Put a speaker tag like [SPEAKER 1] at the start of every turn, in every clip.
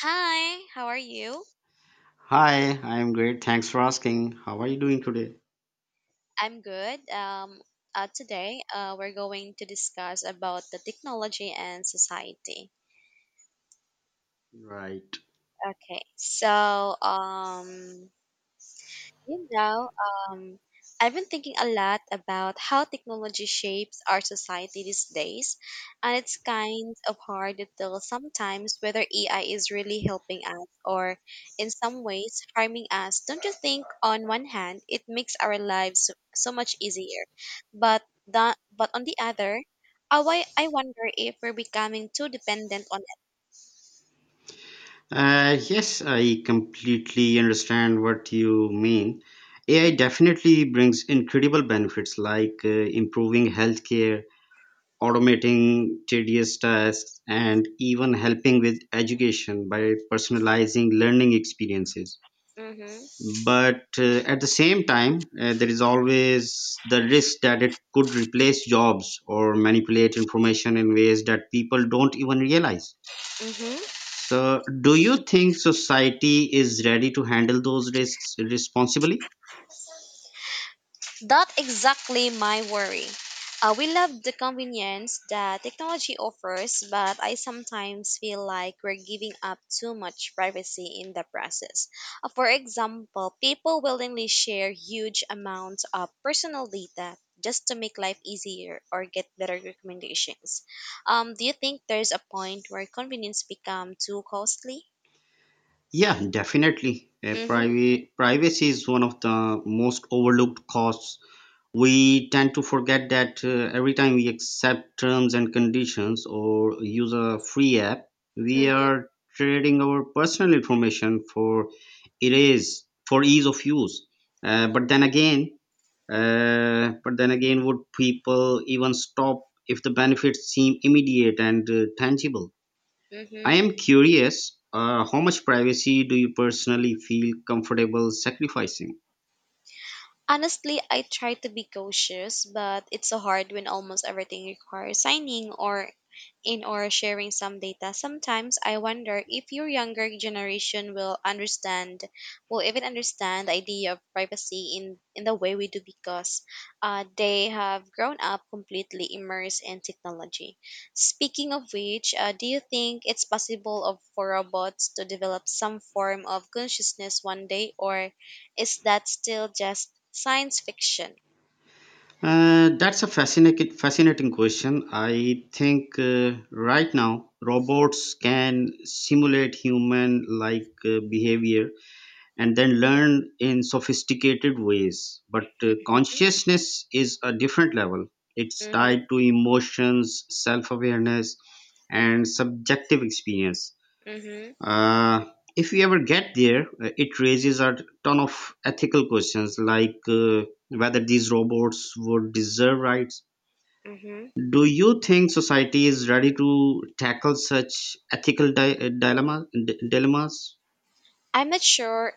[SPEAKER 1] Hi, how are you?
[SPEAKER 2] Hi, I'm great. Thanks for asking. How are you doing today?
[SPEAKER 1] I'm good. Today, we're going to discuss about the technology and society.
[SPEAKER 2] Right.
[SPEAKER 1] Okay, so um, You know, um, I've been thinking a lot about how technology shapes our society these days, and it's kind of hard to tell sometimes whether AI is really helping us or, in some ways, harming us. Don't you think, on one hand, it makes our lives so much easier, but on the other, I wonder if we're becoming too dependent on
[SPEAKER 2] Yes, I completely understand what you mean. AI
[SPEAKER 1] it.
[SPEAKER 2] definitely brings incredible benefits like improving healthcare, automating tedious tasks, and even helping with education by personalizing learning experiences.
[SPEAKER 1] hmm
[SPEAKER 2] But at the same time, there is always the risk that it could replace jobs or manipulate information in ways that people don't even realize.
[SPEAKER 1] hmm
[SPEAKER 2] So do you think society is ready to handle those risks responsibly?
[SPEAKER 1] That's exactly my worry. We love the convenience that technology offers, but I sometimes feel like we're giving up too much privacy in the process. For example, people willingly share huge amounts of personal data just to make life easier or get better recommendations. Do you think there's a point where convenience become too costly?
[SPEAKER 2] Yeah, definitely.
[SPEAKER 1] Mm-hmm,
[SPEAKER 2] Privacy is one of the most overlooked costs. We tend to forget that every time we accept terms and conditions or use a free app, we
[SPEAKER 1] mm-hmm,
[SPEAKER 2] are trading our personal information for it is for ease of use. Uh, but then
[SPEAKER 1] mm-hmm,
[SPEAKER 2] again, uh, but then again, would people even stop if the benefits seem immediate and, tangible? I
[SPEAKER 1] mm-hmm.
[SPEAKER 2] am curious. How much privacy do you personally feel comfortable sacrificing?
[SPEAKER 1] Honestly, I try to be cautious, but it's so hard when almost everything requires signing or sharing some data. Sometimes I wonder if your younger generation will understand, will even understand the idea of privacy in the way we do because they have grown up completely immersed in technology. Speaking of which, do you think it's for robots to develop some form of consciousness one day, or is that still just science fiction?
[SPEAKER 2] That's a fascinating question. I think right now robots can simulate human-like behavior and then learn in sophisticated ways. But consciousness is a different level. It's tied
[SPEAKER 1] Mhm.
[SPEAKER 2] to emotions, self-awareness, and subjective experience.
[SPEAKER 1] Mhm.
[SPEAKER 2] Uh, if we ever get there, it raises a ton of ethical questions like, whether these robots would deserve rights.
[SPEAKER 1] Mhm.
[SPEAKER 2] Do you think society is ready to tackle such ethical dilemmas?
[SPEAKER 1] I'm not sure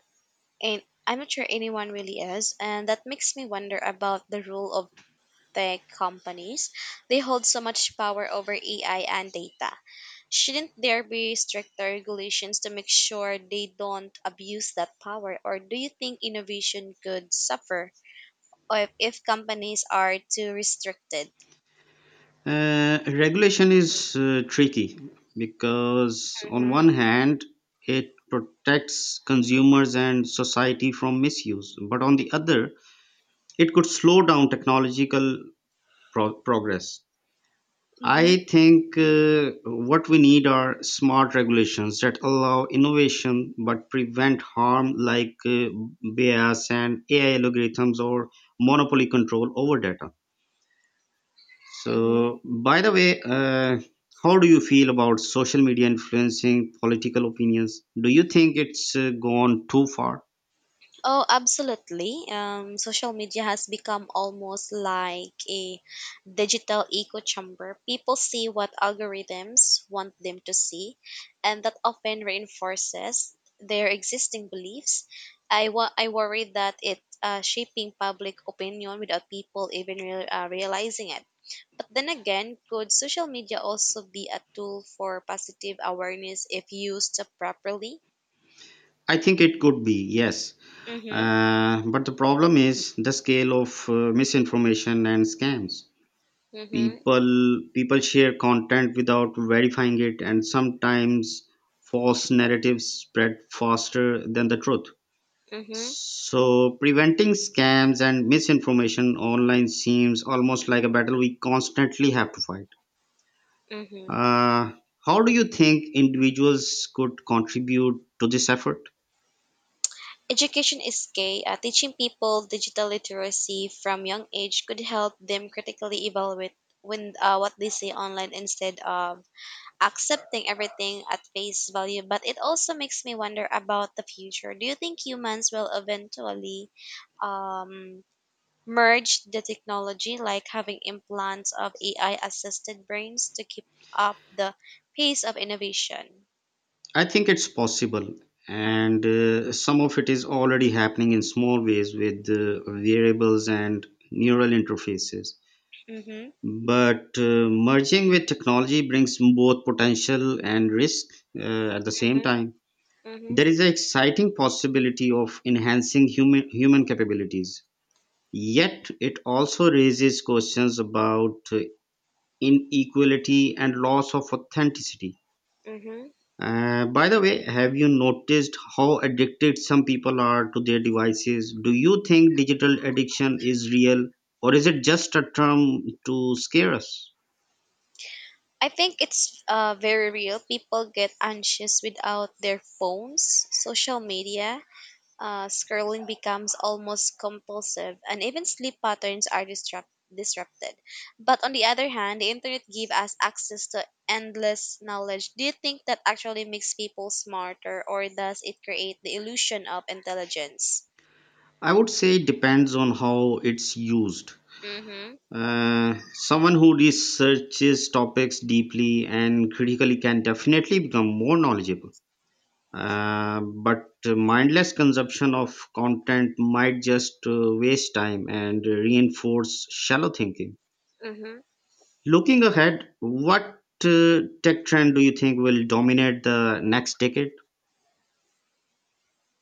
[SPEAKER 1] and I'm not sure anyone really is, and that makes me wonder about the role of tech companies. They hold so much power over AI and data. Shouldn't there be stricter regulations to make sure they don't abuse that power, or do you think innovation could suffer or if companies are too restricted?
[SPEAKER 2] Regulation is tricky because, on one
[SPEAKER 1] Mhm.
[SPEAKER 2] hand, it protects consumers and society from misuse, but on the other, it could slow down technological progress.
[SPEAKER 1] Mhm.
[SPEAKER 2] I think what we need are smart regulations that allow innovation but prevent harm like, bias and AI algorithms or monopoly control over data.
[SPEAKER 1] Mhm.
[SPEAKER 2] So, by the way, how do you feel about social media influencing political opinions? Do you think it's gone too far?
[SPEAKER 1] Oh, absolutely. Social media has become almost like a digital echo chamber. People see what algorithms want them to see, and that often reinforces their existing beliefs. I worry that it's shaping public opinion without people even realizing it. But then again, could social media also be a tool for positive awareness if used properly?
[SPEAKER 2] I think it could be, yes.
[SPEAKER 1] Mm-hmm,
[SPEAKER 2] But the problem is the scale of misinformation and scams.
[SPEAKER 1] mm-hmm,
[SPEAKER 2] People share content without verifying it, and sometimes false narratives spread faster than the truth.
[SPEAKER 1] mm-hmm,
[SPEAKER 2] So preventing scams and misinformation online seems almost like a battle we constantly have to fight.
[SPEAKER 1] mm-hmm.
[SPEAKER 2] uh, how do you think individuals could contribute to this effort?
[SPEAKER 1] Education is key. Teaching people digital literacy from young age could help them critically evaluate when what they see online instead of accepting everything at face value. But it also makes me wonder about the future. Do you think humans will eventually um, merge the technology, like having implants of AI assisted brains to keep up the pace of innovation?
[SPEAKER 2] I think it's possible, and some of it is already happening in small ways with, variables and neural interfaces.
[SPEAKER 1] Mm-hmm.
[SPEAKER 2] But merging with technology brings both potential and risk at the same
[SPEAKER 1] Mm-hmm.
[SPEAKER 2] time.
[SPEAKER 1] Mm-hmm.
[SPEAKER 2] There is an exciting possibility of enhancing human capabilities. Yet, it also raises questions about, inequality and loss of authenticity.
[SPEAKER 1] Mm-hmm.
[SPEAKER 2] By the way, have you noticed how addicted some people are to their devices? Do you think digital addiction is real, or is it just a term to scare us?
[SPEAKER 1] I think it's very real. People get anxious without their phones, social media. Scrolling becomes almost compulsive, and even sleep patterns are disrupted. But on the other hand, the internet gives us access to endless knowledge. Do you think that actually makes people smarter, or does it create the illusion of intelligence?
[SPEAKER 2] I would say it depends on how it's used.
[SPEAKER 1] Mm-hmm.
[SPEAKER 2] Someone who researches topics deeply and critically can definitely become more knowledgeable. But mindless consumption of content might just, waste time and reinforce shallow thinking.
[SPEAKER 1] Mm-hmm.
[SPEAKER 2] Looking ahead, what tech trend do you think will dominate the next decade?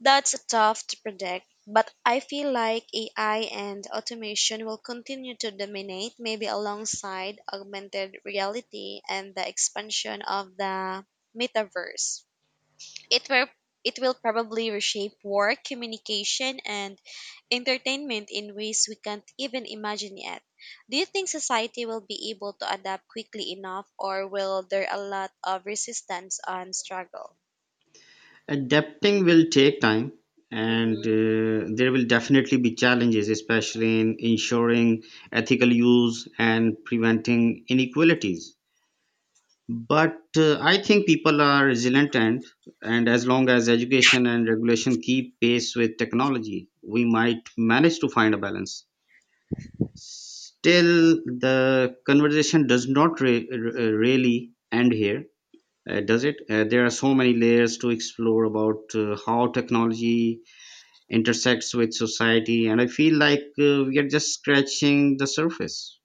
[SPEAKER 1] That's tough to predict, but I feel like AI and automation will continue to dominate, maybe alongside augmented reality and the expansion of the metaverse. It will it will probably reshape work, communication, and entertainment in ways we can't even imagine yet. Do you think society will be able to adapt quickly enough, or will there a lot of resistance and struggle?
[SPEAKER 2] Adapting will take time, and
[SPEAKER 1] Mhm.
[SPEAKER 2] there will definitely be challenges, especially in ensuring ethical use and preventing inequalities. But I think people are resilient, and as long as education and regulation keep pace with technology, we might manage to find a balance. Still, the conversation does not really end here, does it? There are so many layers to explore about how technology intersects with society, and I feel like we are just scratching the surface.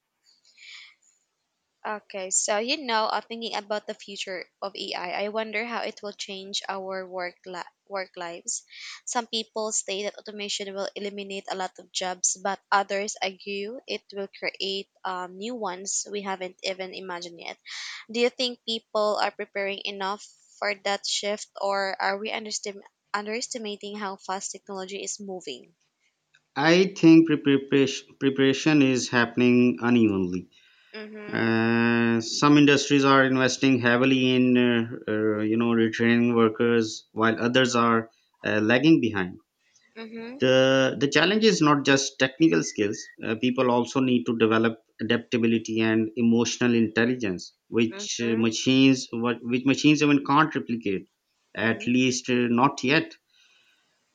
[SPEAKER 1] Okay, so thinking about the future of AI, I wonder how it will change our work lives. Some people say that automation will eliminate a lot of jobs, but others argue it will create new ones we haven't even imagined yet. Do you think people are preparing enough for that shift, or are we underestimating how fast technology is moving?
[SPEAKER 2] I think preparation is happening unevenly.
[SPEAKER 1] Mm-hmm.
[SPEAKER 2] Some industries are investing heavily in, retraining workers, while others are, lagging behind.
[SPEAKER 1] Mm-hmm.
[SPEAKER 2] The challenge is not just technical skills. People also need to develop adaptability and emotional intelligence, which,
[SPEAKER 1] Mm-hmm.
[SPEAKER 2] machines what which machines even can't replicate, at
[SPEAKER 1] Mm-hmm.
[SPEAKER 2] least, not yet.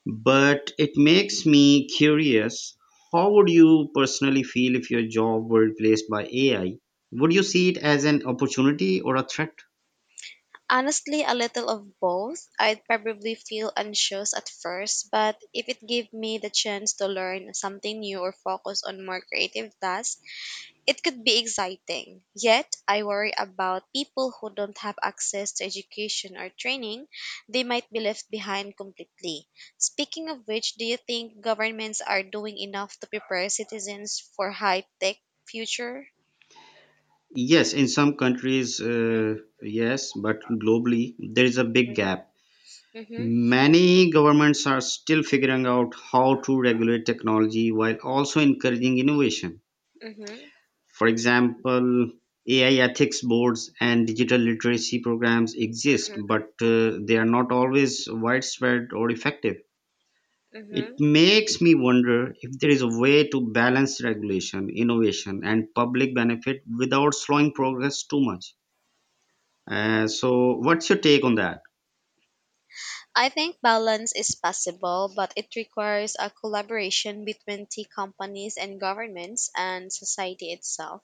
[SPEAKER 2] But it makes me curious, how would you personally feel if your job were replaced by AI? Would you see it as an opportunity or a threat?
[SPEAKER 1] Honestly, a little of both. I'd probably feel anxious at first, but if it gave me the chance to learn something new or focus on more creative tasks, it could be exciting. Yet, I worry about people who don't have access to education or training. They might be left behind completely. Speaking of which, do you think governments are doing enough to prepare citizens for high-tech future?
[SPEAKER 2] Yes, in some countries,
[SPEAKER 1] Mm-hmm.
[SPEAKER 2] yes, but globally there is a big
[SPEAKER 1] Mm-hmm.
[SPEAKER 2] gap.
[SPEAKER 1] Mm-hmm.
[SPEAKER 2] Many governments are still figuring out how to regulate technology while also encouraging innovation. For example, AI ethics boards and digital literacy programs exist, but they are not always widespread or effective. It
[SPEAKER 1] Mm-hmm.
[SPEAKER 2] makes me wonder if there is a way to balance regulation, innovation, and public benefit without slowing progress too much. So, what's your take on that?
[SPEAKER 1] I think balance is possible, but it requires a collaboration between tea companies and governments and society itself.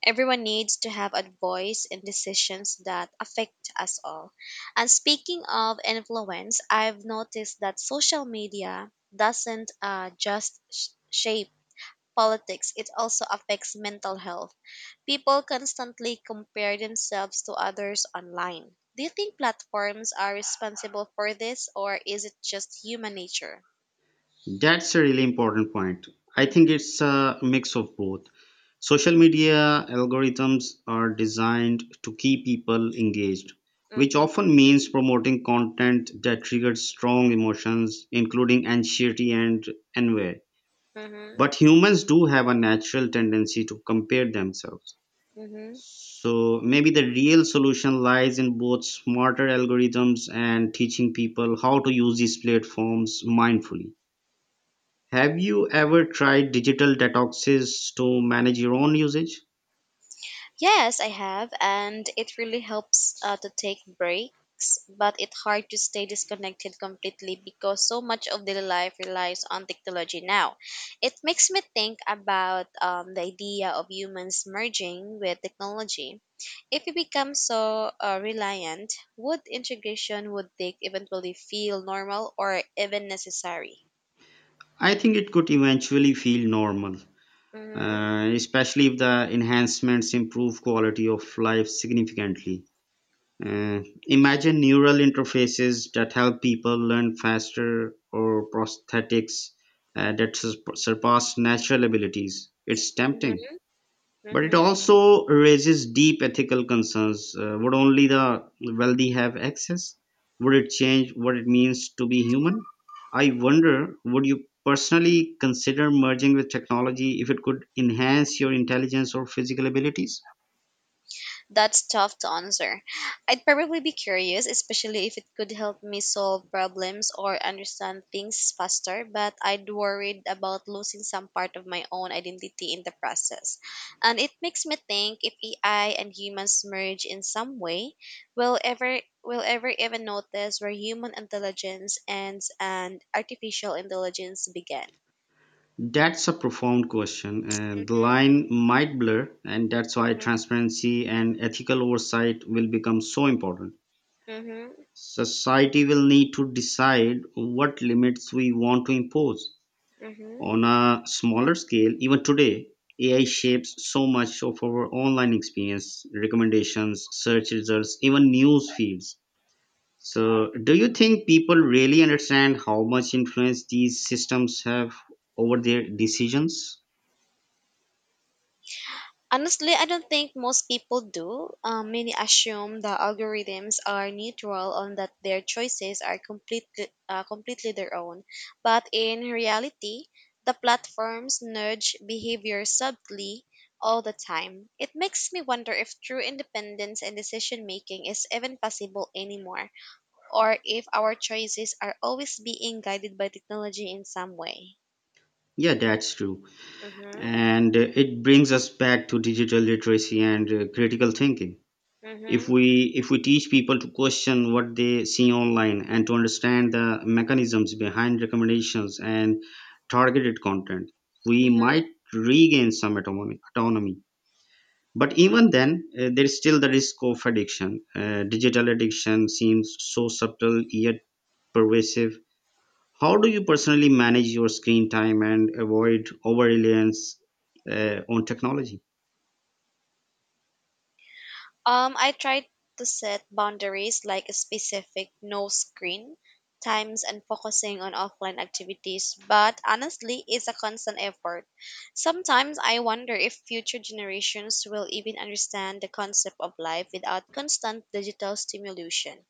[SPEAKER 1] Everyone needs to have a voice in decisions that affect us all. And speaking of influence, I've noticed that social media doesn't shape politics, it also affects mental health. People constantly compare themselves to others online. Do you think platforms are responsible for this, or is it just human nature?
[SPEAKER 2] That's a really important point. I
[SPEAKER 1] Mm-hmm,
[SPEAKER 2] think it's a mix of both. Social media algorithms are designed to keep people engaged, which
[SPEAKER 1] mm-hmm,
[SPEAKER 2] often means promoting content that triggers strong emotions, including anxiety and envy.
[SPEAKER 1] mm-hmm,
[SPEAKER 2] But humans do have a natural tendency to compare themselves.
[SPEAKER 1] mm-hmm.
[SPEAKER 2] So maybe the real solution lies in both smarter algorithms and teaching people how to use these platforms mindfully. Have you ever tried digital detoxes to manage your own usage?
[SPEAKER 1] Yes, I have, and it really helps to take breaks, but it's hard to stay disconnected completely because so much of daily life relies on technology now. It makes me think about the idea of humans merging with technology. If we become so reliant, would integration would they eventually feel normal or even necessary?
[SPEAKER 2] I think it could eventually feel normal,
[SPEAKER 1] Mm-hmm.
[SPEAKER 2] especially if the enhancements improve quality of life significantly. Imagine neural interfaces that help people learn faster, or prosthetics surpass natural abilities. It's tempting. But it
[SPEAKER 1] Mm-hmm.
[SPEAKER 2] also raises deep ethical concerns. Would only the wealthy have access? Would it change what it means to be human? I wonder, would you personally consider merging with technology if it could enhance your intelligence or physical abilities?
[SPEAKER 1] That's tough to answer. I'd probably be curious, especially if it could help me solve problems or understand things faster, but I'd worried about losing some part of my own identity in the process. And it makes me think if AI and humans merge in some way, will ever even notice where human intelligence ends and artificial intelligence begin.
[SPEAKER 2] That's a profound question. The
[SPEAKER 1] Mhm.
[SPEAKER 2] line might blur, and that's why
[SPEAKER 1] Mhm.
[SPEAKER 2] transparency and ethical oversight will become so important.
[SPEAKER 1] Mhm.
[SPEAKER 2] Society will need to decide what limits we want to impose.
[SPEAKER 1] Mhm.
[SPEAKER 2] On a smaller scale, even today, AI shapes so much of our online experience: recommendations, search results, even news feeds. So, do you think people really understand how much influence these systems have over their decisions?
[SPEAKER 1] Honestly, I don't think most people do. Many assume the algorithms are neutral and that their choices are completely, completely their own. But in reality, the platforms nudge behavior subtly all the time. It makes me wonder if true independence and decision making is even possible anymore, or if our choices are always being guided by technology in some way.
[SPEAKER 2] Yeah, that's true.
[SPEAKER 1] Mm-hmm.
[SPEAKER 2] And it brings us back to digital literacy and, critical thinking. if
[SPEAKER 1] Mm-hmm.
[SPEAKER 2] we if we teach people to question what they see online and to understand the mechanisms behind recommendations and targeted content, we might regain some autonomy. But even then, there is still the risk of addiction. Digital addiction seems so subtle yet pervasive. How do you personally manage your screen time and avoid over reliance, on technology?
[SPEAKER 1] I try to set boundaries like a specific no screen times and focusing on offline activities, but honestly, it's a constant effort. Sometimes I wonder if future generations will even understand the concept of life without constant digital stimulation.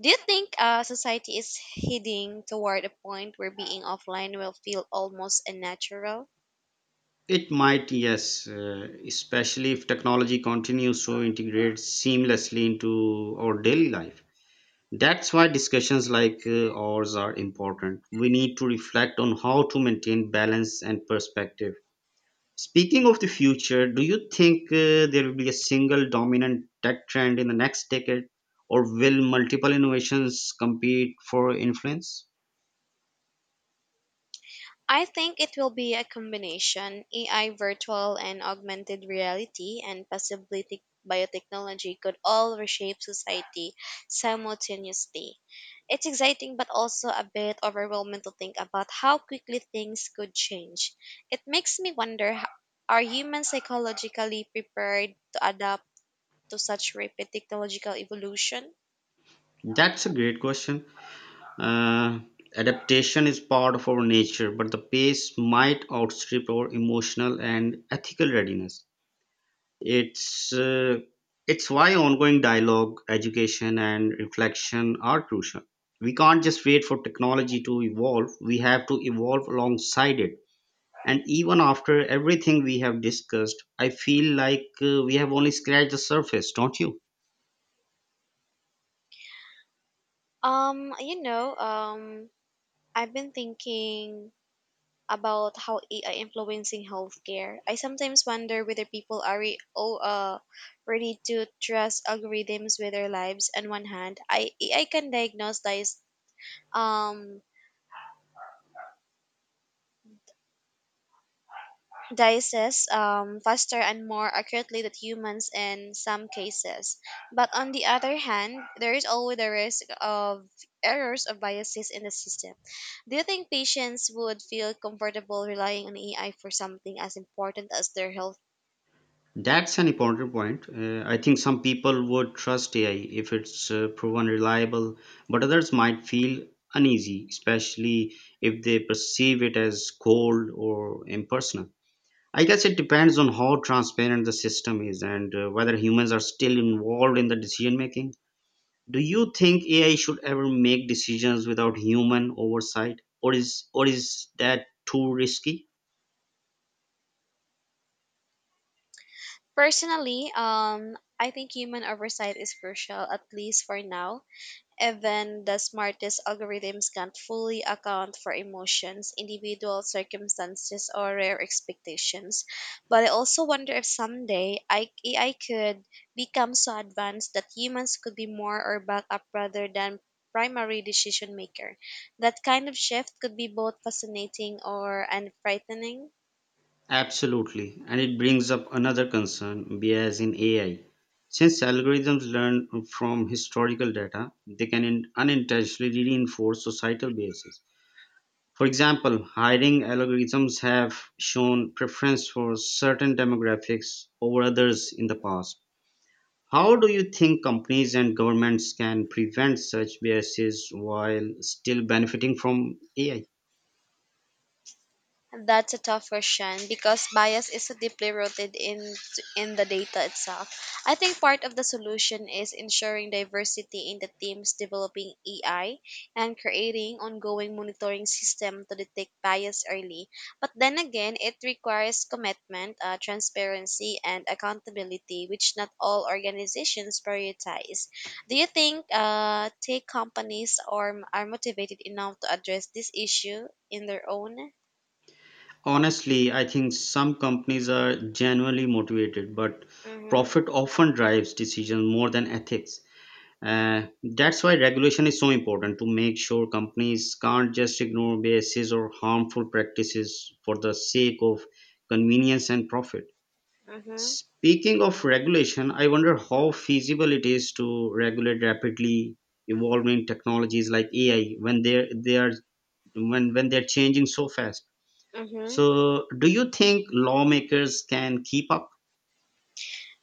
[SPEAKER 1] Do you think society is heading toward a point where being offline will feel almost unnatural?
[SPEAKER 2] It might, yes, especially if technology continues to integrate seamlessly into our daily life. That's why discussions like, ours are important. We need to reflect on how to maintain balance and perspective. Speaking of the future, do you think there will be a single dominant tech trend in the next decade, or will multiple innovations compete for influence?
[SPEAKER 1] I think it will be a combination. AI, virtual and augmented reality, and possibly biotechnology could all reshape society simultaneously. It's exciting but also a bit overwhelming to think about how quickly things could change. It makes me wonder are humans psychologically prepared to adapt to such rapid technological evolution?
[SPEAKER 2] That's a great question. Uh, Adaptation is part of our nature, but the pace might outstrip our emotional and ethical readiness. It's uh, it's why ongoing dialogue, education, and reflection are crucial. We can't just wait for technology to evolve. We have to evolve alongside it. And even after everything we have discussed, I feel like we have only scratched the surface, don't you?
[SPEAKER 1] Um, you know, um, I've been thinking about how AI influencing healthcare. I sometimes wonder whether people are ready to trust algorithms with their lives. On one hand, I AI can diagnose dies um diseases faster and more accurately than humans in some cases. But on the other hand, there is always the risk of errors or biases in the system. Do you think patients would feel comfortable relying on AI for something as important as their health?
[SPEAKER 2] That's an important point. I think some people would trust AI if it's proven reliable, but others might feel uneasy, especially if they perceive it as cold or impersonal. I guess it depends on how transparent the system is, and whether humans are still involved in the decision making. Do you think AI should ever make decisions without human oversight, or is that too risky?
[SPEAKER 1] Personally, I think human oversight is crucial, at least for now. Even the smartest algorithms can't fully account for emotions, individual circumstances, or rare expectations. But I also wonder if someday AI could become so advanced that humans could be more or backup rather than primary decision maker. That kind of shift could be both fascinating or and frightening.
[SPEAKER 2] Absolutely. And it brings up another concern: bias in AI. Since algorithms learn from historical data, they can unintentionally reinforce societal biases. For example, hiring algorithms have shown preference for certain demographics over others in the past. How do you think companies and governments can prevent such biases while still benefiting from AI?
[SPEAKER 1] That's a tough question because bias is so deeply rooted in the data itself. I think part of the solution is ensuring diversity in the teams developing AI and creating ongoing monitoring system to detect bias early. But then again, it requires commitment, transparency, and accountability, which not all organizations prioritize. Do you think tech companies are motivated enough to address this issue in their own?
[SPEAKER 2] Honestly, I think some companies are genuinely motivated, but
[SPEAKER 1] Mm-hmm,
[SPEAKER 2] profit often drives decisions more than ethics. Uh, that's why regulation is so important, to make sure companies can't just ignore biases or harmful practices for the sake of convenience and profit.
[SPEAKER 1] mm-hmm,
[SPEAKER 2] Speaking of regulation, I wonder how feasible it is to regulate rapidly evolving technologies like AI when they're, they are when they're changing so fast.
[SPEAKER 1] mm-hmm.
[SPEAKER 2] So, do you think lawmakers can keep up?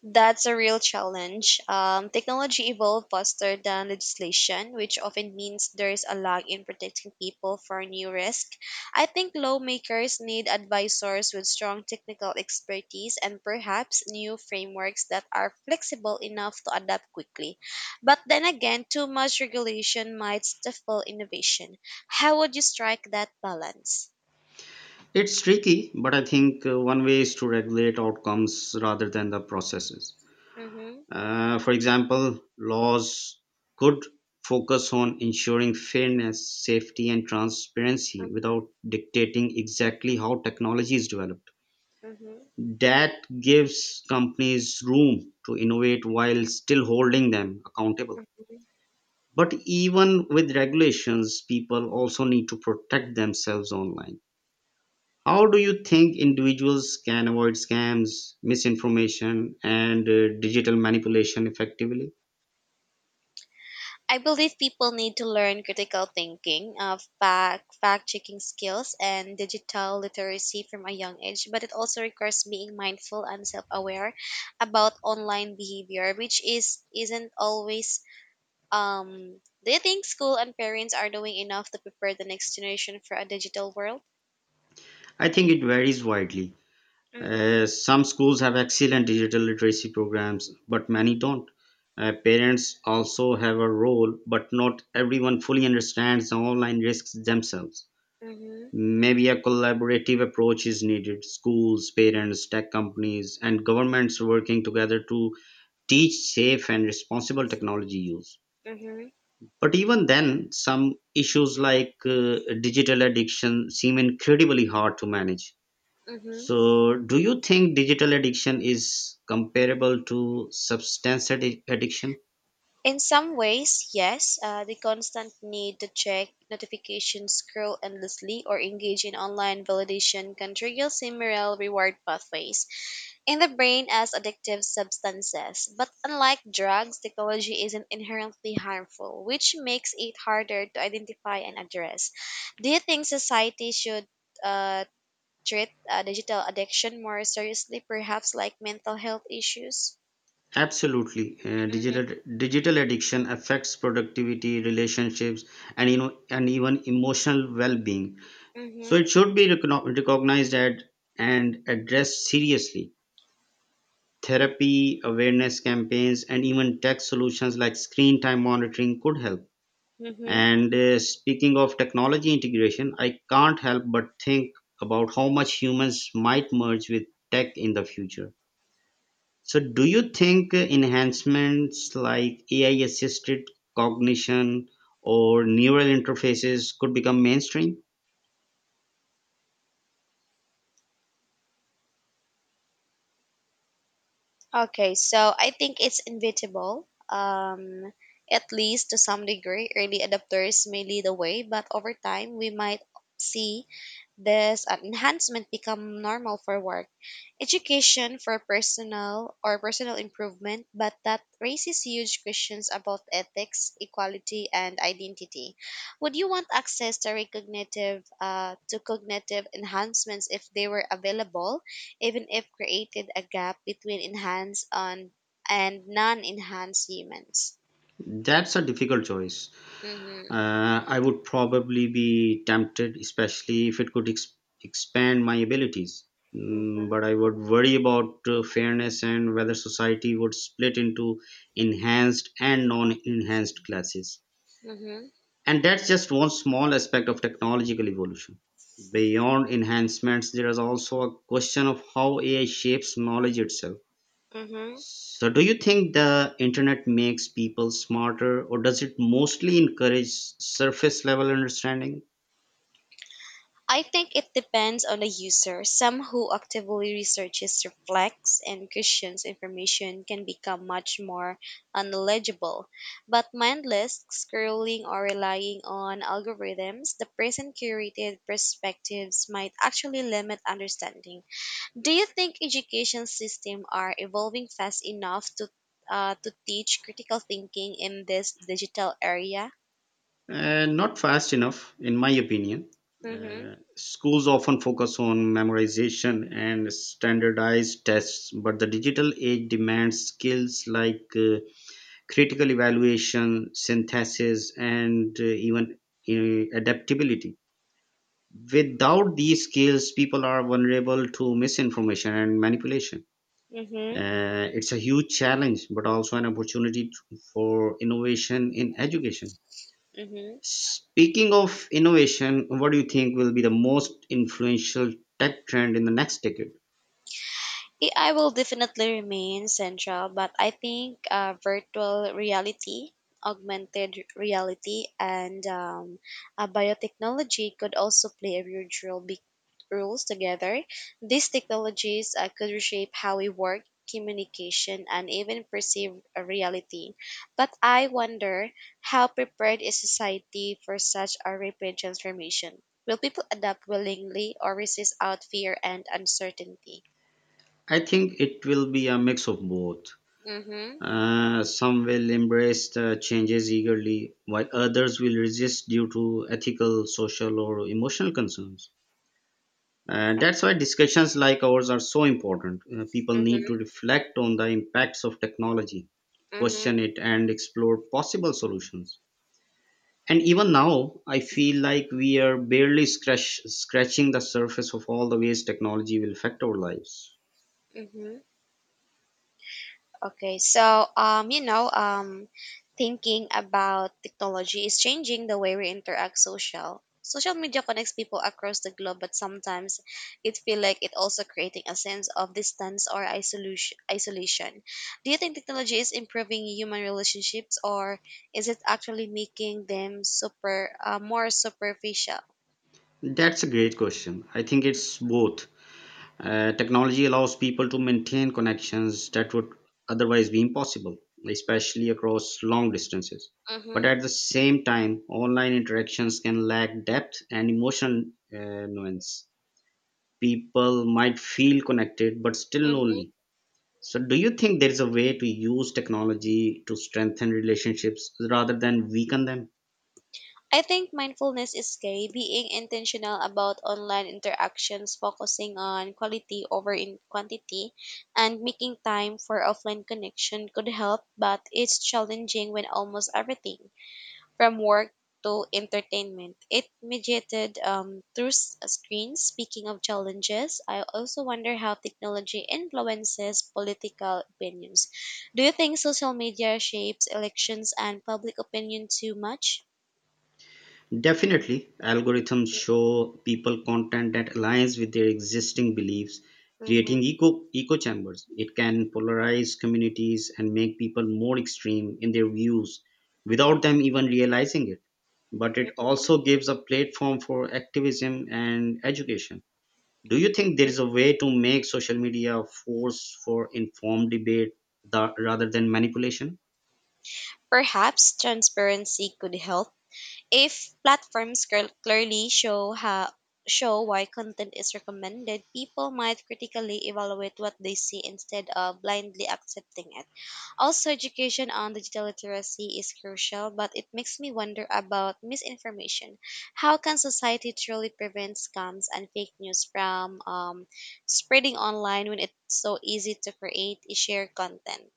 [SPEAKER 1] That's a real challenge. Technology evolved faster than legislation, which often means there's a lag in protecting people for new risk. I think lawmakers need advisors with strong technical expertise and perhaps new frameworks that are flexible enough to adapt quickly. But then again, too much regulation might stifle innovation. How would you strike that balance?
[SPEAKER 2] It's tricky, but I think one way is to regulate outcomes rather than the processes.
[SPEAKER 1] Mm-hmm,
[SPEAKER 2] For example, laws could focus on ensuring fairness, safety, and transparency
[SPEAKER 1] mm-hmm,
[SPEAKER 2] without dictating exactly how technology is developed.
[SPEAKER 1] mm-hmm.
[SPEAKER 2] That gives companies room to innovate while still holding them accountable. But even with regulations, people also need to protect themselves online. How do you think individuals can avoid scams, misinformation, and, digital manipulation effectively?
[SPEAKER 1] I believe people need to learn critical thinking, fact checking skills, and digital literacy from a young age. But it also requires being mindful and self aware about online behavior, which is isn't always. Um, do you think school and parents are doing enough to prepare the next generation for a digital world?
[SPEAKER 2] I think it varies widely.
[SPEAKER 1] Mm-hmm.
[SPEAKER 2] Some schools have excellent digital literacy programs, but many don't. Parents also have a role, but not everyone fully understands the online risks themselves.
[SPEAKER 1] Mm-hmm.
[SPEAKER 2] Maybe a collaborative approach is needed: schools, parents, tech companies, and governments working together to teach safe and responsible technology use.
[SPEAKER 1] Mm-hmm.
[SPEAKER 2] But even then, some issues like digital addiction seem incredibly hard to manage.
[SPEAKER 1] Mm-hmm.
[SPEAKER 2] So, do you think digital addiction is comparable to addiction?
[SPEAKER 1] In some ways, yes, the constant need to check notifications, scroll endlessly, or engage in online validation can trigger similar reward pathways in the brain as addictive substances. But unlike drugs, technology isn't inherently harmful, which makes it harder to identify and address. Do you think society should uh, treat digital addiction more seriously, perhaps like mental health issues?
[SPEAKER 2] Absolutely.
[SPEAKER 1] Mm-hmm.
[SPEAKER 2] Digital addiction affects productivity, relationships, and even emotional well-being. So it
[SPEAKER 1] Mm-hmm.
[SPEAKER 2] should be recognized at and addressed seriously. Therapy, awareness campaigns, and even tech solutions like screen time monitoring could help.
[SPEAKER 1] Mm-hmm.
[SPEAKER 2] And speaking of technology integration, I can't help but think about how much humans might merge with tech in the future. So, do you think enhancements like AI assisted cognition or neural interfaces could become mainstream?
[SPEAKER 1] Okay, so I think it's inevitable. At least to some degree, early adopters may lead the way, but over time we might see this enhancement become normal for work, education for personal or personal improvement, but that raises huge questions about ethics, equality, and identity. Would you want access to recognitive to cognitive enhancements if they were available, even if created a gap between enhanced on and non-enhanced humans?
[SPEAKER 2] That's a difficult choice.
[SPEAKER 1] Mm-hmm.
[SPEAKER 2] I would probably be tempted, especially if it could expand my abilities. But I would worry about fairness and whether society would split into enhanced and non enhanced classes.
[SPEAKER 1] Mm-hmm.
[SPEAKER 2] And that's just one small aspect of technological evolution. Beyond enhancements, there is also a question of how AI shapes knowledge itself.
[SPEAKER 1] Mm-hmm.
[SPEAKER 2] So, do you think the internet makes people smarter, or does it mostly encourage surface level understanding?
[SPEAKER 1] I think it depends on the user. Some who actively researches, reflects, and questions information can become much more knowledgeable. But mindless scrolling or relying on algorithms, the present curated perspectives might actually limit understanding. Do you think education systems are evolving fast enough to teach critical thinking in this digital area?
[SPEAKER 2] Not fast enough, in my opinion.
[SPEAKER 1] Mm-hmm.
[SPEAKER 2] Schools often focus on memorization and standardized tests, but the digital age demands skills like critical evaluation, synthesis, and even adaptability. Without these skills, people are vulnerable to misinformation and manipulation.
[SPEAKER 1] Mm-hmm.
[SPEAKER 2] It's a huge challenge, but also an opportunity for innovation in education.
[SPEAKER 1] Mm-hmm.
[SPEAKER 2] Speaking of innovation, what do you think will be the most influential tech trend in the next decade?
[SPEAKER 1] AI will definitely remain central, but I think virtual reality, augmented reality, and biotechnology could also play a huge roles together. These technologies could reshape how we work, communication, and even perceive a reality. But I wonder how prepared is society for such a rapid transformation? Will people adapt willingly or resist out fear and uncertainty?
[SPEAKER 2] I think it will be a mix of both.
[SPEAKER 1] Mm-hmm.
[SPEAKER 2] Some will embrace the changes eagerly, while others will resist due to ethical, social, or emotional concerns. That's why discussions like ours are so important. People need to
[SPEAKER 1] Mm-hmm,
[SPEAKER 2] reflect on the impacts of technology,
[SPEAKER 1] mm-hmm,
[SPEAKER 2] question it, and explore possible solutions. And even now, I feel like we are barely scratching the surface of all the ways technology will affect our lives.
[SPEAKER 1] mm-hmm. Okay, so um, you know, um, Thinking about technology is changing the way we interact social. Social media connects people across the globe, but sometimes it feel like it also creating a sense of distance or isolation. Isolation. Do you think technology is improving human relationships, or is it actually making them more superficial?
[SPEAKER 2] That's a great question. I think it's both. Technology allows people to maintain connections that would otherwise be impossible, especially across long distances. But
[SPEAKER 1] Mm-hmm,
[SPEAKER 2] at the same time, online interactions can lack depth and emotional nuance. People might feel connected but still
[SPEAKER 1] mm-hmm.
[SPEAKER 2] lonely. So, do you think there is a way to use technology to strengthen relationships rather than weaken them?
[SPEAKER 1] I think mindfulness is key, being intentional about online interactions, focusing on quality over in quantity, and making time for offline connection could help, but it's challenging when almost everything, from work to entertainment, it mediated screens. Speaking of challenges, I also wonder how technology influences political opinions. Do you think social media shapes elections and public opinion too much?
[SPEAKER 2] Definitely, algorithms show people content that aligns with their existing beliefs,
[SPEAKER 1] Mhm.
[SPEAKER 2] creating echo chambers. It can polarize communities and make people more extreme in their views without them even realizing it. But it
[SPEAKER 1] Mhm.
[SPEAKER 2] also gives a platform for activism and education. Do you think there is a way to make social media a force for informed debate rather than manipulation?
[SPEAKER 1] Perhaps transparency could help. If platforms cl- clearly show how show why content is recommended, people might critically evaluate what they see instead of blindly accepting it. Also, education on digital literacy is crucial, but it makes me wonder about misinformation. How can society truly prevent scams and fake news from spreading online when it's so easy to create share content?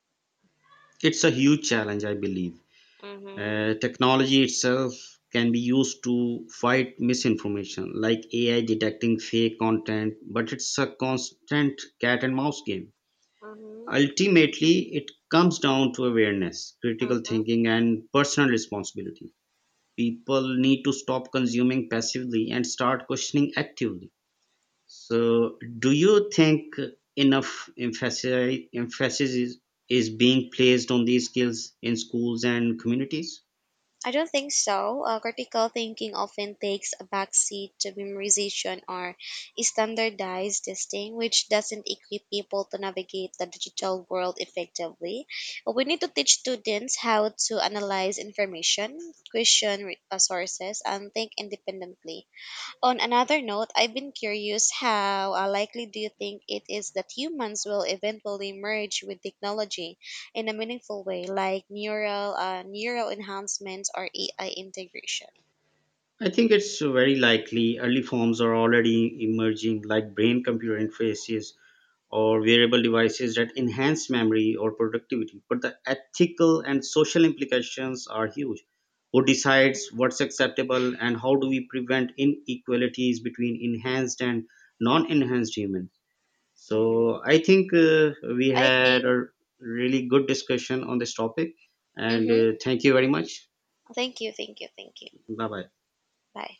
[SPEAKER 2] It's a huge challenge, I believe.
[SPEAKER 1] Mhm.
[SPEAKER 2] Technology itself can be used to fight misinformation, like AI detecting fake content, but it's a constant cat and mouse game.
[SPEAKER 1] hmm
[SPEAKER 2] Ultimately, it comes down to awareness,
[SPEAKER 1] hmm
[SPEAKER 2] critical thinking, and personal responsibility. People need to stop consuming passively and start questioning actively. So, do you think enough is being placed on these skills in schools and communities?
[SPEAKER 1] I don't think so. Critical thinking often takes a backseat to memorization or standardized testing, which doesn't equip people to navigate the digital world effectively. We need to teach students how to analyze information, sources, and think independently. On another note, I've been curious how likely do you think it is that humans will eventually merge with technology in a meaningful way, like neural enhancements or AI integration?
[SPEAKER 2] I think it's very likely. Early forms are already emerging, like brain computer interfaces or wearable devices that enhance memory or productivity. But the ethical and social implications are huge. Who decides what's acceptable, and how do we prevent inequalities between enhanced and non enhanced humans?
[SPEAKER 1] Mm-hmm.
[SPEAKER 2] So I think we
[SPEAKER 1] I
[SPEAKER 2] had
[SPEAKER 1] think.
[SPEAKER 2] a really good discussion on this topic, and
[SPEAKER 1] Mm-hmm.
[SPEAKER 2] thank you very much.
[SPEAKER 1] Thank you, thank you, thank you.
[SPEAKER 2] Bye bye.
[SPEAKER 1] Bye.